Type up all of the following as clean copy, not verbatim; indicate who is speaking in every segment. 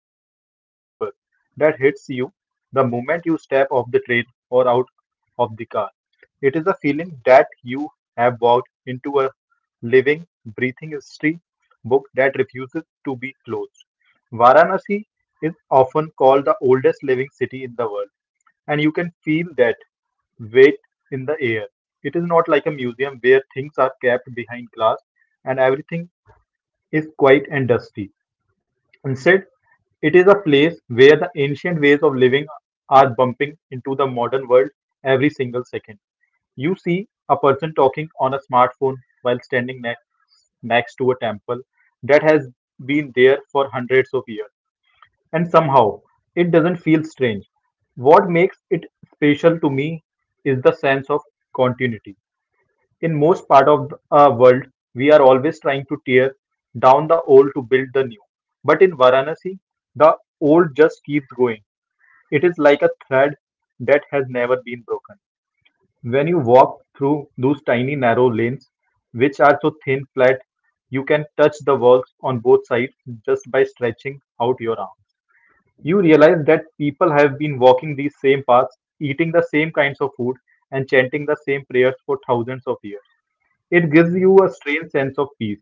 Speaker 1: something much deeper that hits you the moment you step off the train or out of the car. It is a feeling that you have walked into a living, breathing history book that refuses to be closed. Varanasi is often called the oldest living city in the world, and you can feel that weight in the air. It is not like a museum where things are kept behind glass and everything is quiet and dusty. Instead, it is a place where the ancient ways of living are bumping into the modern world every single second. You see a person talking on a smartphone while standing next to a temple that has been there for hundreds of years. And somehow, it doesn't feel strange. What makes it special to me is the sense of continuity. In most part of the world, we are always trying to tear down the old to build the new. But in Varanasi, the old just keeps going. It is like a thread that has never been broken. When you walk through those tiny narrow lanes, which are so thin flat, you can touch the walls on both sides just by stretching out your arm. You realize that people have been walking these same paths, eating the same kinds of food, and chanting the same prayers for thousands of years. It gives
Speaker 2: Yeah,
Speaker 1: you a strange sense of peace,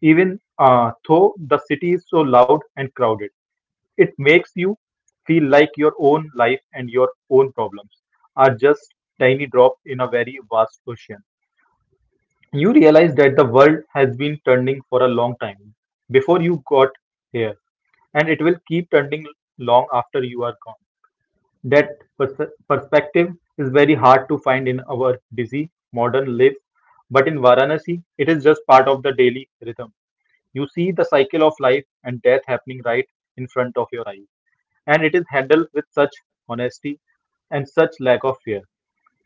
Speaker 1: even though the city is so loud and crowded. It makes you feel like your own life and your own problems are just tiny drop in a very vast ocean. You realize that the world has been turning for a long time before you got here, and it will keep turning long after you are gone. That perspective is very hard to find in our busy modern lives, but in Varanasi, it is just part of the daily rhythm. You see the cycle of life and death happening right in front of your eyes, and it is handled with such honesty and such lack of fear.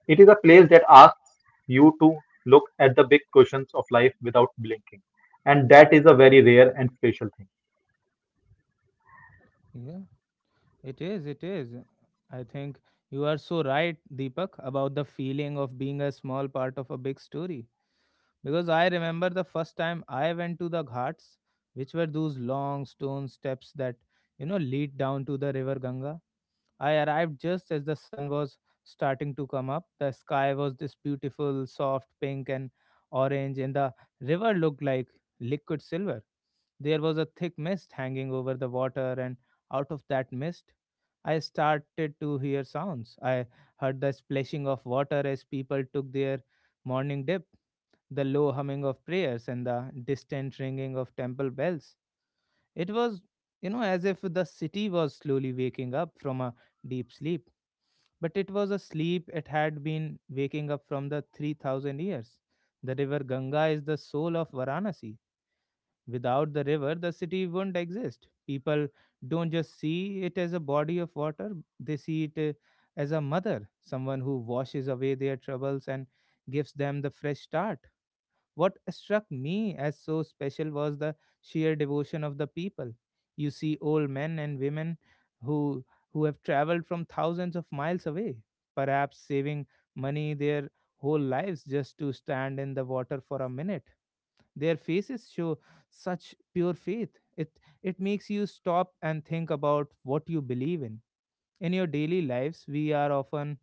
Speaker 1: It is a place that asks you to look at the big questions of life without blinking, and that is a very rare and special thing.
Speaker 2: yeah. It is, it is. I think you are so right, Deepak, about the feeling of being a small part of a big story. Because I remember the first time I went to the ghats, which were those long stone steps that lead down to the river Ganga. I arrived just as the sun was starting to come up. The sky was this beautiful, soft pink and orange, and the river looked like liquid silver. There was a thick mist hanging over the water, and out of that mist, I started to hear sounds. I heard the splashing of water as people took their morning dip, the low humming of prayers, and the distant ringing of temple bells. It was, as if the city was slowly waking up from a deep sleep. But it was a sleep it had been waking up from the 3000 years. The river Ganga is the soul of Varanasi. Without the river, the city wouldn't exist. People don't just see it as a body of water, they see it as a mother, someone who washes away their troubles and gives them the fresh start. What struck me as so special was the sheer devotion of the people. You see old men and women who who have traveled from thousands of miles away, perhaps saving money their whole lives just to stand in the water for a minute. Their faces show such pure faith. It makes you stop and think about what you believe in. In your daily lives, we are often,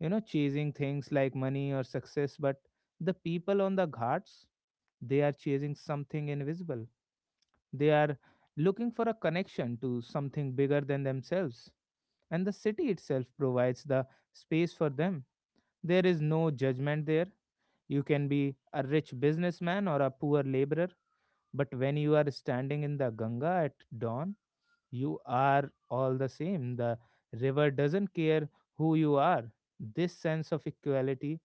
Speaker 2: chasing things like money or success, but the people on the ghats, they are chasing something invisible. They are looking for a connection to something bigger than themselves, and the city itself provides the space for them. There is no judgment there. You can be a rich businessman or a poor laborer, but when you are standing in the Ganga at dawn, you are all the same. The river doesn't care who you are. This sense of equality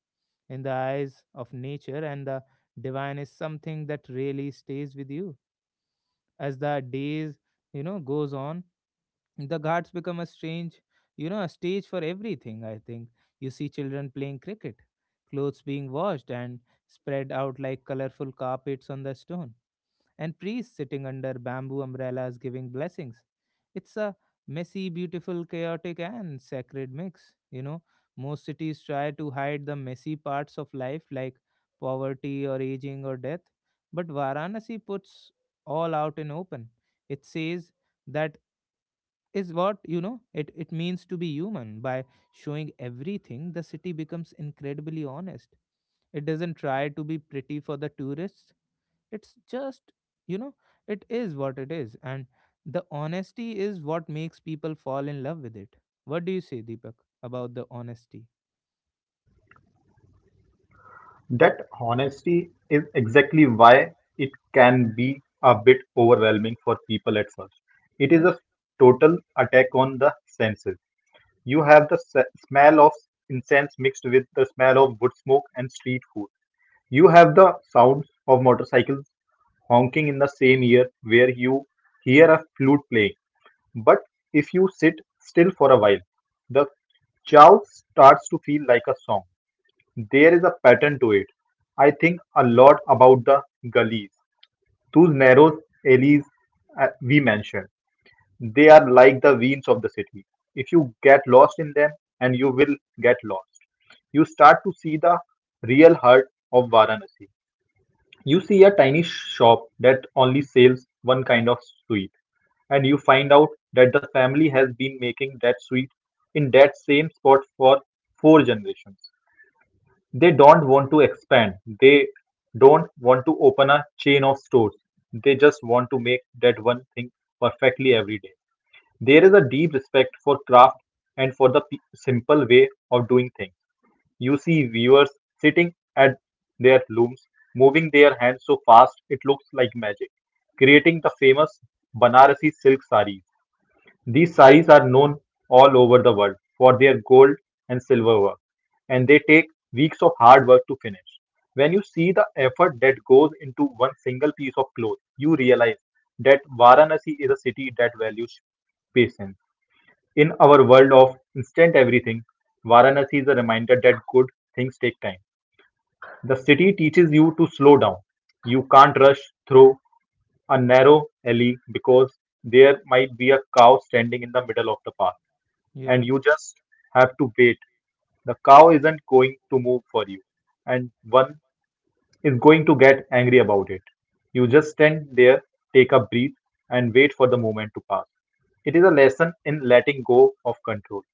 Speaker 2: in the eyes of nature and the divine is something that really stays with you. As the days, goes on, the ghats become a strange, a stage for everything, I think. You see children playing cricket, clothes being washed and spread out like colorful carpets on the stone, and priests sitting under bamboo umbrellas giving blessings. It's a messy, beautiful, chaotic, and sacred mix. You know, most cities try to hide the messy parts of life like poverty or aging or death, but Varanasi puts all out in open. It says that is what, it means to be human. By showing everything, the city becomes incredibly honest. It doesn't try to be pretty for the tourists. It's just, you know it is what it is. And the honesty is what makes people fall in love with it. What do you say, Deepak, about the honesty?
Speaker 1: That honesty is exactly why it can be a bit overwhelming for people at first. It is
Speaker 2: Yeah,
Speaker 1: a total attack on the senses. You have the smell of incense mixed with the smell of wood smoke and street food. You have the sounds of motorcycles honking in the same ear where you hear a flute playing. But if you sit still for a while, the chow starts to feel like a song. There is a pattern to it. I think a lot about the gullies, those narrow alleys we mentioned. They are like the veins of the city. If you get lost in them, and you will get lost, you start to see the real heart of Varanasi. You see a tiny shop that only sells one kind of sweet, and you find out that the family has been making that sweet in that same spot for four generations. They don't want to expand. They don't want to open a chain of stores. They just want to make that one thing perfectly every day. There is a deep respect for craft and for the simple way of doing things. You see viewers sitting at their looms, moving their hands so fast it looks like magic, creating the famous Banarasi silk sarees these saris are known all over the world for their gold and silver work, and they take weeks of hard work to finish. When you see the effort that goes into one single piece of cloth, you realize that Varanasi is a city that values patience. In our world of instant everything, Varanasi is a reminder that good things take time. The city teaches you to slow down. You can't rush through a narrow alley because there might be a cow standing in the middle of the path, and
Speaker 2: yeah.
Speaker 1: you just have to wait. The cow isn't going to move for you, and one is going to get angry about it. You just stand there, take a breath, and wait for the moment to pass. It is a lesson in letting go of control.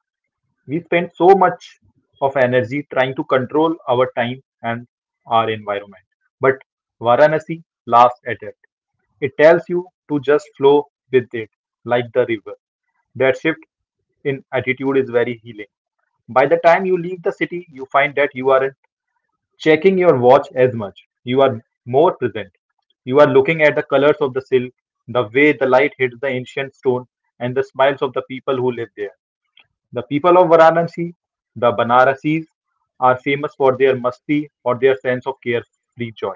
Speaker 1: We spend so much of energy trying to control our time and our environment. But Varanasi laughs at it. It tells you to just flow with it, like the river. That shift in attitude is very healing. By the time you leave the city, you find that you aren't checking your watch as much. You are more present. You are looking at the colors of the silk, the way the light hits the ancient stone, and the smiles of the people who live there. The people of Varanasi, the Banarasis, are famous for their masti or their sense of carefree joy.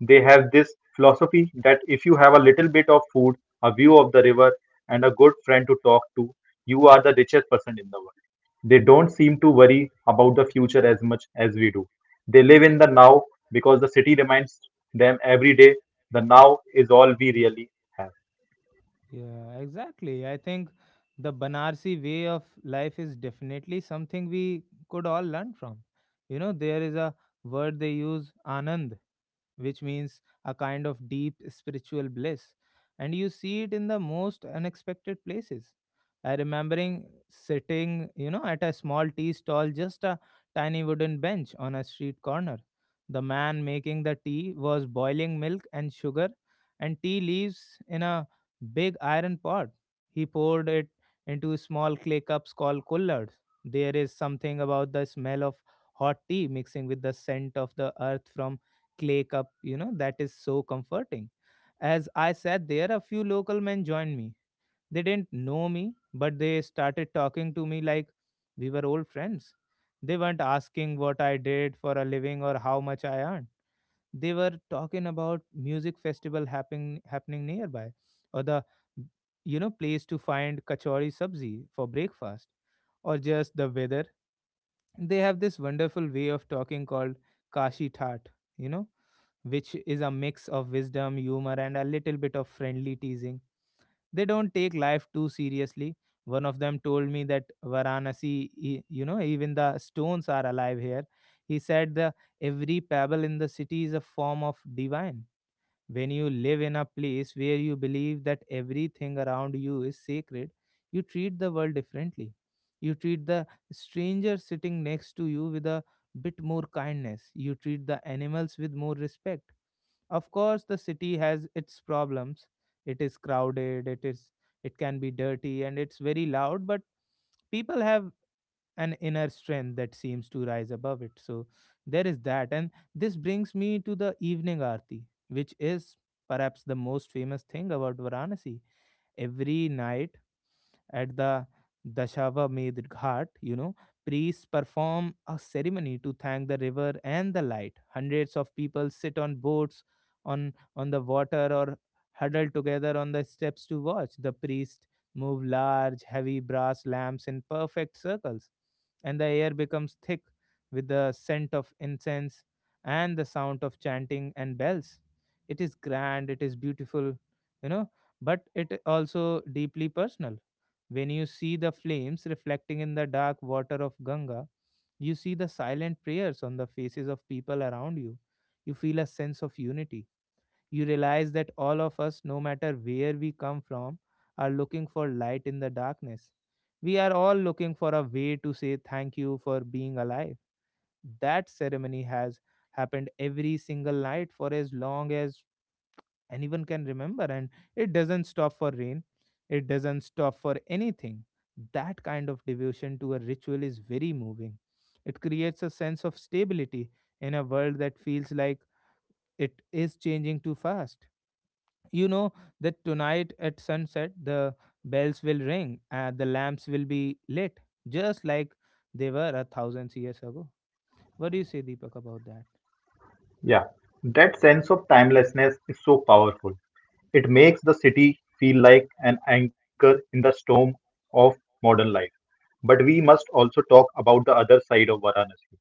Speaker 1: They have this philosophy that if you have a little bit of food, a view of the river, and a good friend to talk to, you are the richest person in the world. They don't seem to worry about the future as much as we do. They live in the now because the city reminds them every day the now is all we really have.
Speaker 2: Yeah, exactly. I think the Banarsi way of life is definitely something we could all learn from. You know, there is a word they use, anand, which means a kind of deep spiritual bliss. And you see it in the most unexpected places. I remembering sitting at a small tea stall, just a tiny wooden bench on a street corner. The man making the tea was boiling milk and sugar and tea leaves in a big iron pot. He poured it into small clay cups called collards. There is something about the smell of hot tea mixing with the scent of the earth from clay cup, that is so comforting. As I sat there, a few local men joined me. They didn't know me, but they started talking to me like we were old friends. They weren't asking what I did for a living or how much I earned. They were talking about music festival happening nearby, or the, place to find kachori sabzi for breakfast, or just the weather. They have this wonderful way of talking called kashi that you know, which is a mix of wisdom, humor, and a little bit of friendly teasing. They don't take life too seriously. One of them told me that Varanasi, even the stones are alive here. He said the every pebble in the city is a form of divine. When you live in a place where you believe that everything around you is sacred, you treat the world differently. You treat the stranger sitting next to you with a bit more kindness. You treat the animals with more respect. Of course, the city has its problems. It is crowded, it is, it can be dirty and it's very loud, but people have an inner strength that seems to rise above it. So there is that. And this brings me to the evening aarti, which is perhaps the most famous thing about Varanasi. Every night, at the Dashawamedh Ghat, priests perform a ceremony to thank the river and the light. Hundreds of people sit on boats on the water or huddle together on the steps to watch. The priest move large, heavy brass lamps in perfect circles, and the air becomes thick with the scent of incense and the sound of chanting and bells. It is grand, it is beautiful, you know, but it also deeply personal. When you see the flames reflecting in the dark water of Ganga, you see the silent prayers on the faces of people around you. You feel a sense of unity. You realize that all of us, no matter where we come from, are looking for light in the darkness. We are all looking for a way to say thank you for being alive. That ceremony has happened every single night for as long as anyone can remember, and it doesn't stop for rain. It doesn't stop for anything. That kind of devotion to a ritual is very moving. It creates a sense of stability in a world that feels like it is changing too fast. You know that tonight at sunset, the bells will ring and the lamps will be lit just like they were a thousand years ago. What do you say, Deepak, about that?
Speaker 1: Yeah, that sense of timelessness is so powerful. It makes the city feel like an anchor in the storm of modern life. But we must also talk about the other side of Varanasi,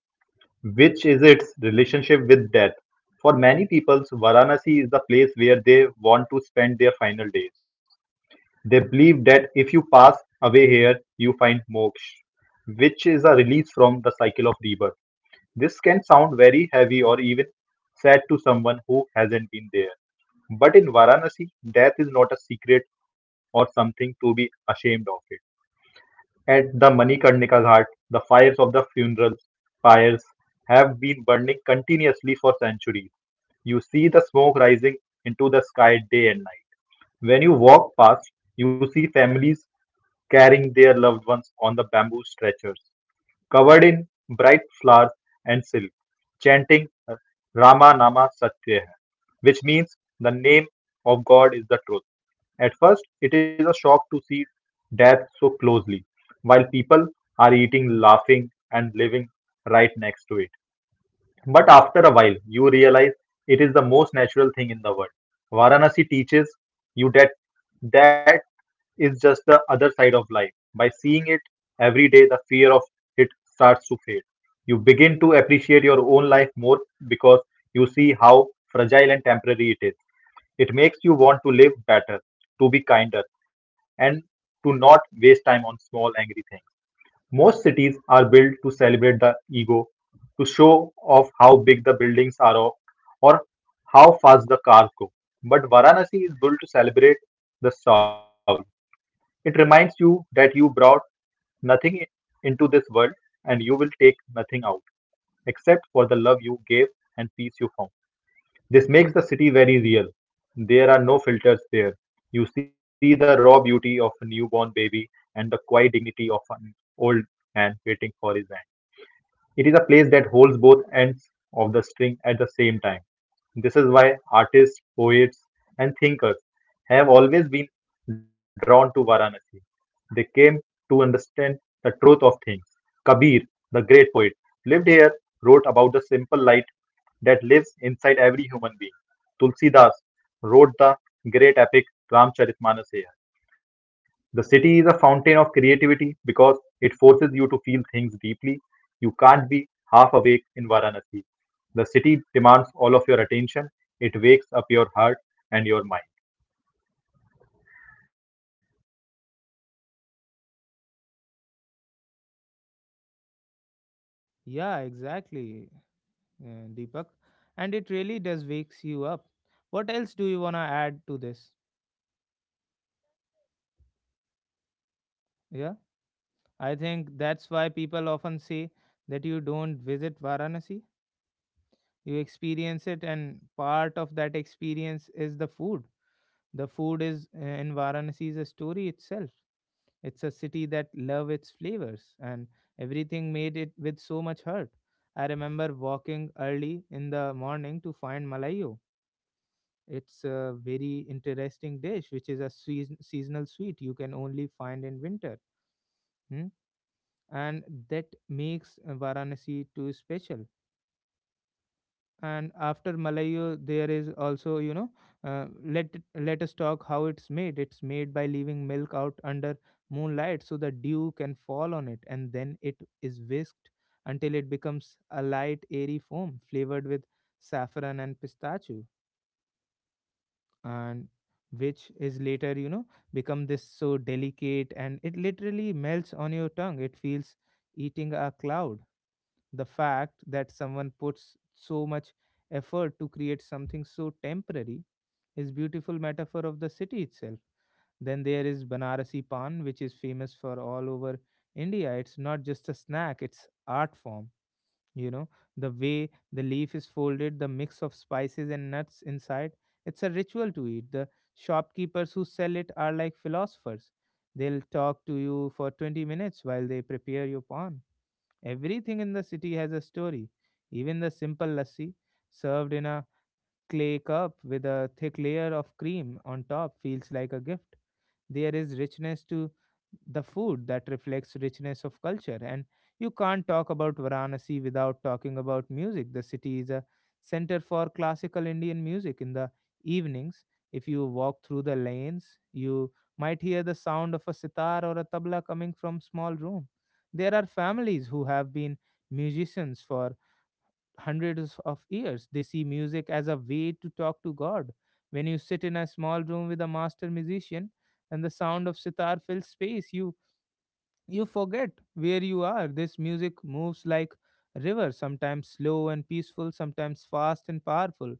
Speaker 1: which is its relationship with death. For many people, Varanasi is the place where they want to spend their final days. They believe that if you pass away here, you find moksha, which is a release from the cycle of rebirth. This can sound very heavy or even sad to someone who hasn't been there. But in Varanasi, death is not a secret or something to be ashamed of it. At the Manikarnika Ghat, the fires of the funeral pyres have been burning continuously for centuries. You see the smoke rising into the sky day and night. When you walk past, you see families carrying their loved ones on the bamboo stretchers covered in bright flowers and silk, chanting Rama Nama Satya Hai, which means the name of God is the truth. At first, it is a shock to see death so closely, while people are eating, laughing, and living right next to it. But after a while, you realize it is the most natural thing in the world. Varanasi teaches you that is just the other side of life. By seeing it every day, the fear of it starts to fade. You begin to appreciate your own life more because you see how fragile and temporary it is. It makes you want to live better, to be kinder, and to not waste time on small angry things. Most cities are built to celebrate the ego, to show off how big the buildings are or how fast the cars go. But Varanasi is built to celebrate the soul. It reminds you that you brought nothing into this world and you will take nothing out except for the love you gave and peace you found. This makes the city very real. There are no filters there. You see the raw beauty of a newborn baby and the quiet dignity of an old man waiting for his hand. It is a place that holds both ends of the string at the same time. This is why artists, poets, and thinkers have always been drawn to Varanasi. They came to understand the truth of things. Kabir, the great poet, lived here, wrote about the simple light that lives inside every human being. Tulsidas wrote the great epic Ramcharitmanas here. The city is a fountain of creativity because it forces you to feel things deeply. You can't be half awake in Varanasi. The city demands all of your attention. It wakes up your heart and your mind.
Speaker 2: Yeah, exactly, Deepak, and it really does wakes you up. What else do you want to add to this? Yeah, I think that's why people often say that you don't visit Varanasi, you experience it, and part of that experience is the food. The food is, in Varanasi is a story itself. It's a city that love its flavors, and everything made it with so much heart. I remember walking early in the morning to find Malayo. It's a very interesting dish, which is a seasonal sweet you can only find in winter. Hmm? And that makes Varanasi too special. And after Malayo, there is also, uh, let it- let us talk how it's made. It's made by leaving milk out under moonlight so the dew can fall on it, and then it is whisked until it becomes a light, airy foam flavored with saffron and pistachio. And which is later, become this so delicate, and it literally melts on your tongue. It feels eating a cloud. The fact that someone puts so much effort to create something so temporary is beautiful metaphor of the city itself. Then there is banarasi pan, which is famous for all over India. It's not just a snack, it's art form, you know the way the leaf is folded, the mix of spices and nuts inside, it's a ritual to eat. The shopkeepers who sell it are like philosophers. They'll talk to you for 20 minutes while they prepare your pawn. Everything in the city has a story. Even the simple lassi, served in a clay cup with a thick layer of cream on top, feels like a gift. There is richness to the food that reflects richness of culture. And you can't talk about Varanasi without talking about music. The city is a center for classical Indian music. In the evenings, if you walk through the lanes, you might hear the sound of a sitar or a tabla coming from small room. There are families who have been musicians for hundreds of years. They see music as a way to talk to God. When you sit in a small room with a master musician and the sound of sitar fills space, you forget where you are. This music moves like river, sometimes slow and peaceful, sometimes fast and powerful.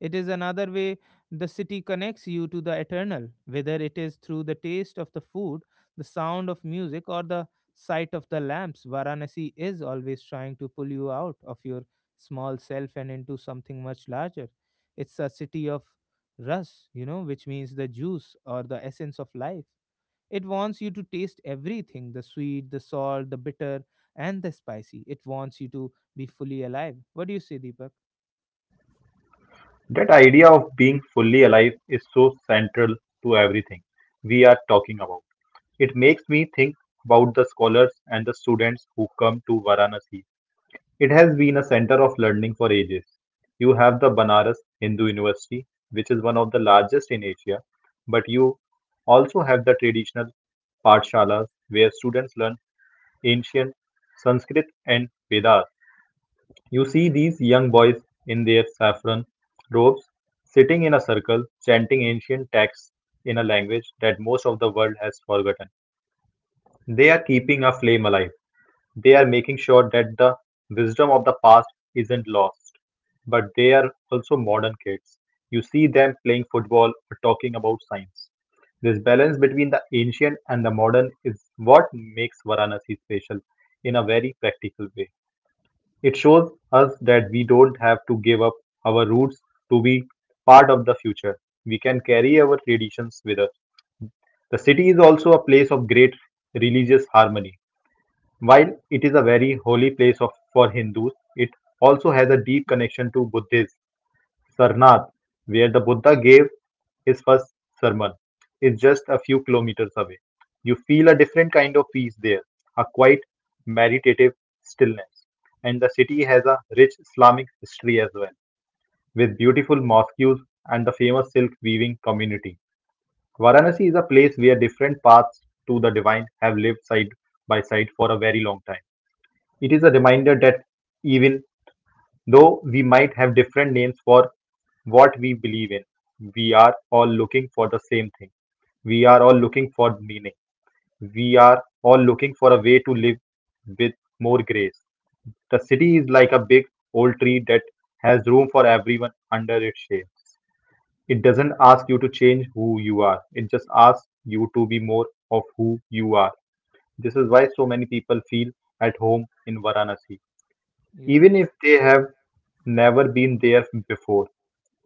Speaker 2: It is another way the city connects you to the eternal, whether it is through the taste of the food, the sound of music, or the sight of the lamps. Varanasi is always trying to pull you out of your small self and into something much larger. It's a city of rus, which means the juice or the essence of life. It wants you to taste everything the sweet, the salt, the bitter, and the spicy. It wants you to be fully alive. What do you say, Deepak?
Speaker 1: That idea of being fully alive is so central to everything we are talking about. It makes me think about the scholars and the students who come to Varanasi. It has been a center of learning for ages. You have the Banaras Hindu University, which is one of the largest in Asia, but you also have the traditional Pathshalas where students learn ancient Sanskrit and Vedas. You see these young boys in their saffron robes sitting in a circle chanting ancient texts in a language that most of the world has forgotten. They are keeping a flame alive. They are making sure that the wisdom of the past isn't lost. But they are also modern kids. You see them playing football or talking about science. This balance between the ancient and the modern is what makes Varanasi special in a very practical way. It shows us that we don't have to give up our roots to be part of the future. We can carry our traditions with us. The city is also a place of great religious harmony. While it is a very holy place for Hindus, it also has a deep connection to Buddhism. Sarnath, where the Buddha gave his first sermon, is just a few kilometers away. You feel a different kind of peace there, a quiet, meditative stillness. And the city has a rich Islamic history as well, with beautiful mosques and the famous silk weaving community. Varanasi is a place where different paths to the divine have lived side by side for a very long time. It is a reminder that even though we might have different names for what we believe in, we are all looking for the same thing. We are all looking for meaning. We are all looking for a way to live with more grace. The city is like a big old tree that has room for everyone under its shade. It doesn't ask you to change who you are, it just asks you to be more of who you are. This is why so many people feel at home in Varanasi.
Speaker 2: Yeah.
Speaker 1: Even if they have never been there before,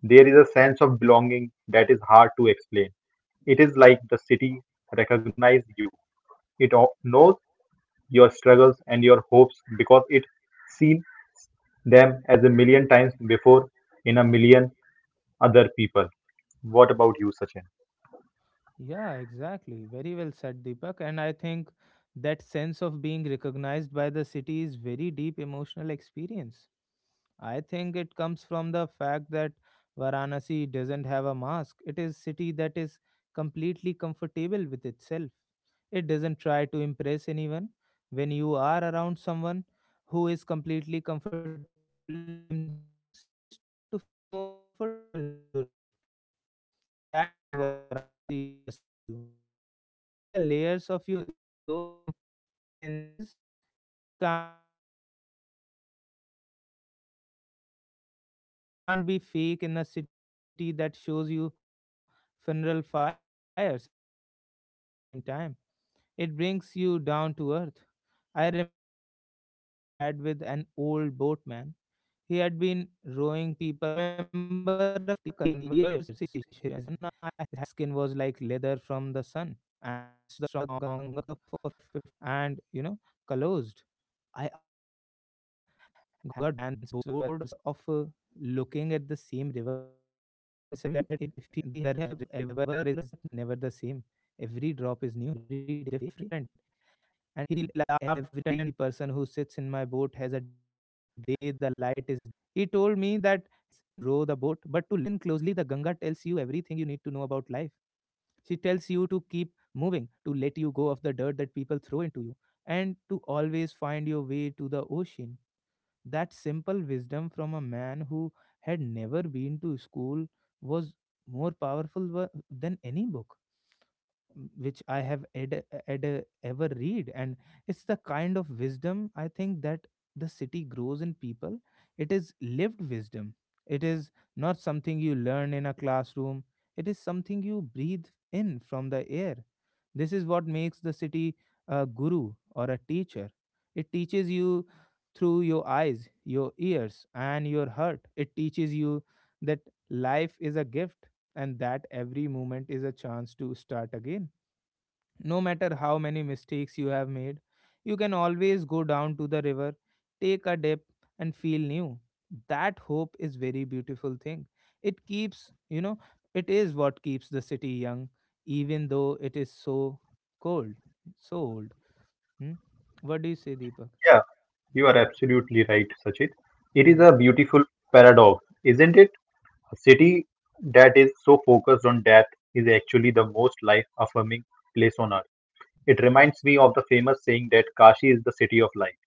Speaker 1: there is a sense of belonging that is hard to explain. It is like the city recognizes you. It knows your struggles and your hopes because it seen them as a million times before in a million other people. What about you, Sachin?
Speaker 2: Yeah, exactly. Very well said, Deepak. And I think that sense of being recognized by the city is very deep emotional experience. I think it comes from the fact that Varanasi doesn't have a mask. It is city that is completely comfortable with itself. It doesn't try to impress anyone. When you are around someone who is completely comfortable with themselves, you start to feel more comfortable with yourself too. That is what Varanasi does to you. It peels away the layers of your ego and pretenses. You can't be fake in a city that shows you funeral fires and sunrise prayers at the same time. It brings you down to earth. I remember a conversation I had with an old boatman. He had been rowing people across the Ganga for 50 years. His skin was like leather from the sun, and his hands were strong and calloused. I asked him if he have ever got bored of looking at the same river every day. He laughed and said, "The river is never the same. Every drop is new. Every day the light is different. And every person who sits in my boat has a different story in their eyes." He told me that his job wasn't just to row the boat, but to listen to the river. He said that if you listen closely, the Ganga tells you everything you need to know about life. She tells you to keep moving, to let you go of the dirt that people throw into you, and to always find your way to the ocean. That simple wisdom from a man who had never been to school was more powerful than any book which I have ever read. And it's the kind of wisdom I think that the city grows in people. It is lived wisdom. It is not something you learn in a classroom. It is something you breathe in from the air. This is what makes the city a guru or a teacher. It teaches you through your eyes, your ears, and your heart. It teaches you that life is a gift and that every moment is a chance to start again. No matter how many mistakes you have made, you can always go down to the river, take a dip, and feel new. That hope is very beautiful thing. It keeps, you know, it is what keeps the city young, even though it is so cold, so old. Hmm? What do you say, Deepak?
Speaker 1: Yeah, you are absolutely right, Sachin. It is
Speaker 2: Hmm.
Speaker 1: a beautiful paradox, isn't it? A city that is so focused on death is actually the most life affirming place on earth. It reminds me of the famous saying that Kashi is the city of light.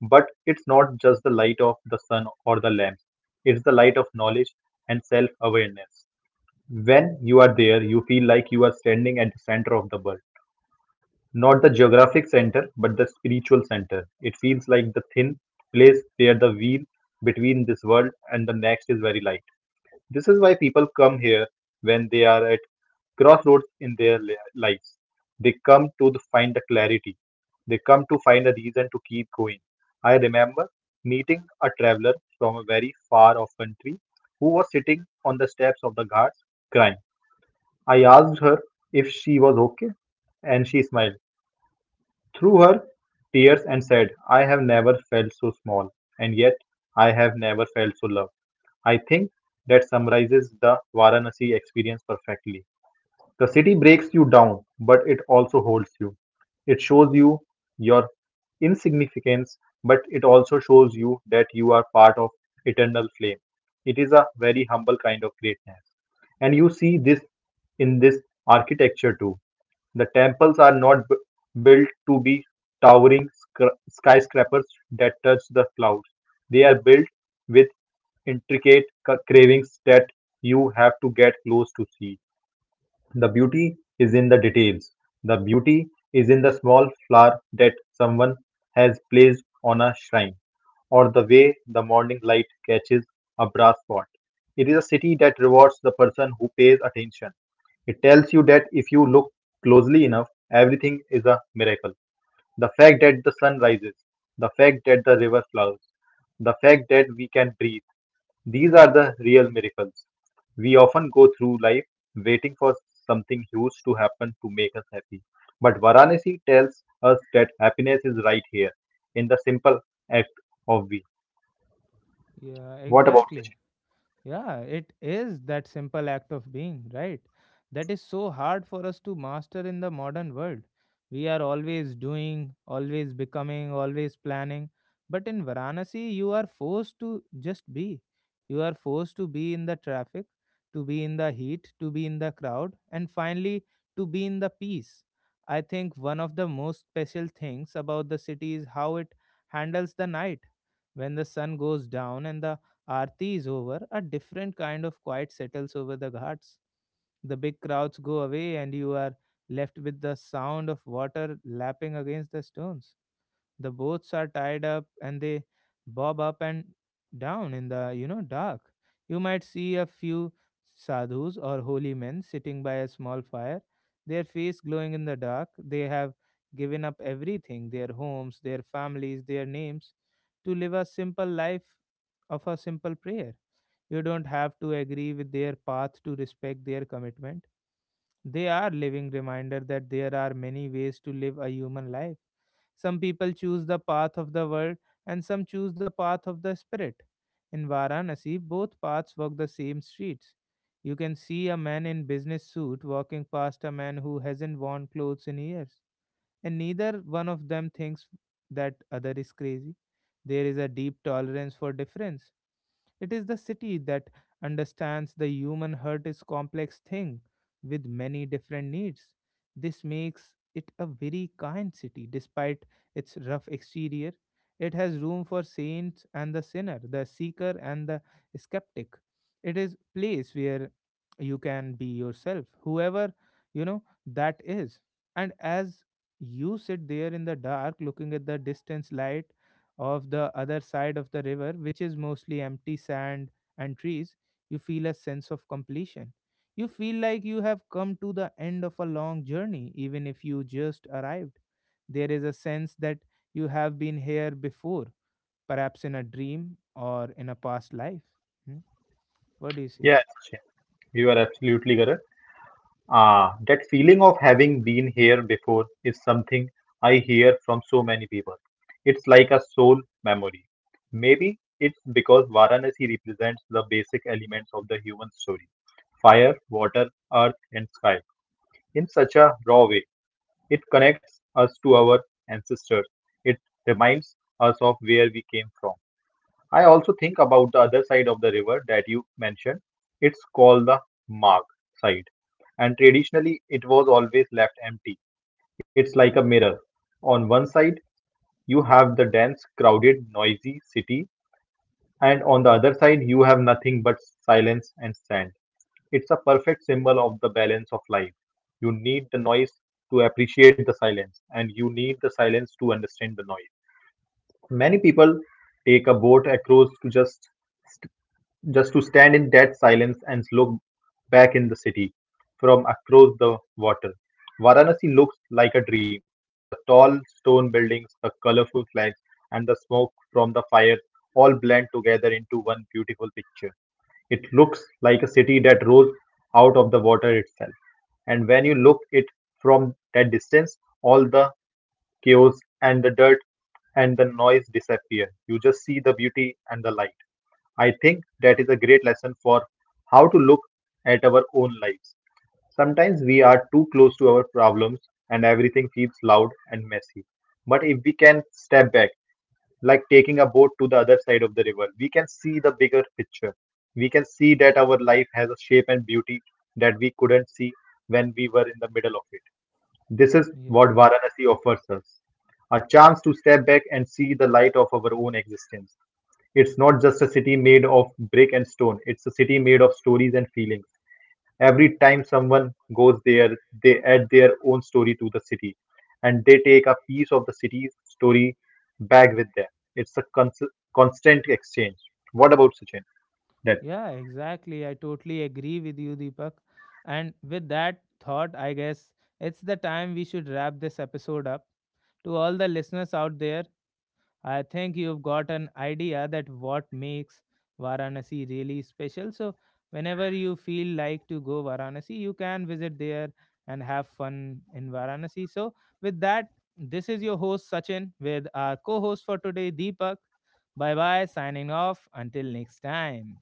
Speaker 1: But it's not just the light of the sun or the lamps, it's the light of knowledge and self awareness. When you are there, you feel like you are standing at the center of the world. Not the geographic center, but the spiritual center. It feels like the thin place where the wheel between this world and the next is very light. This is why people come here when they are at crossroads in their lives. They come to find the clarity. They come to find a reason to keep going. I remember meeting a traveler from a very far off country who was sitting on the steps of the ghats crying. I asked her if she was okay, and she smiled through her tears and said, I have never felt so small, and yet I have never felt so loved. I think that summarizes the Varanasi experience perfectly. The city breaks you down, but it also holds you. It shows you your insignificance, but it also shows you that you are part of eternal flame. It is a very humble kind of greatness. And you see this architecture too. The temples are not bu- built to be towering skyscrapers that touch the clouds. They are built with intricate carvings that you have to get close to see. The beauty is in the details. The beauty is in the small flower that someone has placed on a shrine, or the way the morning light catches a brass pot. It is a city that rewards the person who pays attention. It tells you that if you look closely enough, everything is a miracle. The fact that the sun rises, the fact that the river flowers, the fact that we can breathe. These are the real miracles. We often go through life waiting for something huge to happen to make us happy. But Varanasi tells us that happiness is right here in the simple act of we.
Speaker 2: Yeah,
Speaker 1: What about
Speaker 2: exactly.
Speaker 1: Sachin?
Speaker 2: Yeah, it is that simple act of being, right? That is so hard for us to master in the modern world. We are always doing, always becoming, always planning. But in Varanasi, you are forced to just be. You are forced to be in the traffic, to be in the heat, to be in the crowd, and finally to be in the peace. I think one of the most special things about the city is how it handles the night. When the sun goes down and the Aarti is over, a different kind of quiet settles over the ghats. The big crowds go away, and you are left with the sound of water lapping against the stones. The boats are tied up and they bob up and down in the dark. You might see a few sadhus or holy men sitting by a small fire, their face glowing in the dark. They have given up everything their homes, their families, their names to live a simple life of a simple prayer. You don't have to agree with their path to respect their commitment. They are living reminder that there are many ways to live a human life. Some people choose the path of the world and some choose the path of the spirit. In Varanasi, both paths walk the same streets. You can see a man in business suit walking past a man who hasn't worn clothes in years, and neither one of them thinks that other is crazy. There is a deep tolerance for difference. It is the city that understands the human heart is complex thing with many different needs. This makes it a very kind city despite its rough exterior. It has room for saints and the sinner, the seeker and the skeptic. It is place where you can be yourself, whoever that is. And as you sit there in the dark looking at the distance light of the other side of the river, which is mostly empty sand and trees, you feel a sense of completion. You feel like you have come to the end of a long journey, even if you just arrived. There is a sense that you have been here before, perhaps in a dream or in a past life. Hmm? What do you say?
Speaker 1: Yes, Sachin, you are absolutely correct. Ah, that feeling of having been here before is something I hear from so many people. It's like a soul memory. Maybe it's because Varanasi represents the basic elements of the human story fire, water, earth, and sky in such a raw way. It connects us to our ancestors. It reminds us of where we came from. I also think about the other side of the river that you mentioned. It's called the Mag side, and traditionally it was always left empty. It's like a mirror. On one side, you have the dense, crowded, noisy city, and on the other side, you have nothing but silence and sand. It's a perfect symbol of the balance of life. You need the noise to appreciate the silence, and you need the silence to understand the noise. Many people take a boat across to just to stand in that silence and look back in the city from across the water. Varanasi looks like a dream. The tall stone buildings, the colorful flags, and the smoke from the fire all blend together into one beautiful picture. It looks like a city that rose out of the water itself. And when you look it from that distance, all the chaos and the dirt and the noise disappear. You just see the beauty and the light. I think that is a great lesson for how to look at our own lives. Sometimes we are too close to our problems and everything feels loud and messy. But if we can step back, like taking a boat to the other side of the river, we can see the bigger picture. We can see that our life has a shape and beauty that we couldn't see when we were in the middle of it. This is
Speaker 2: Yeah.
Speaker 1: what Varanasi offers us a chance to step back and see the light of our own existence. It's not just a city made of brick and stone, it's a city made of stories and feelings. Every time someone goes there, they add their own story to the city and they
Speaker 2: And they
Speaker 1: take a
Speaker 2: take up
Speaker 1: piece of
Speaker 2: piece
Speaker 1: the
Speaker 2: of the
Speaker 1: city's
Speaker 2: city's
Speaker 1: story back
Speaker 2: story,
Speaker 1: with
Speaker 2: facts,
Speaker 1: them.
Speaker 2: and
Speaker 1: It's a
Speaker 2: sense
Speaker 1: cons-
Speaker 2: of
Speaker 1: constant
Speaker 2: constant
Speaker 1: exchange.
Speaker 2: exchange.
Speaker 1: What about
Speaker 2: What about
Speaker 1: Sachin?
Speaker 2: you? Yeah, exactly. I totally agree with you, Deepak. And with that thought, I guess it's the time we should wrap this episode up. To all the listeners out there, I think you've got an idea that what makes Varanasi really special. So whenever you feel like to go Varanasi, you can visit there and have fun in Varanasi. So with that, this is your host Sachin with our co-host for today Deepak. Bye bye, signing off. Until next time.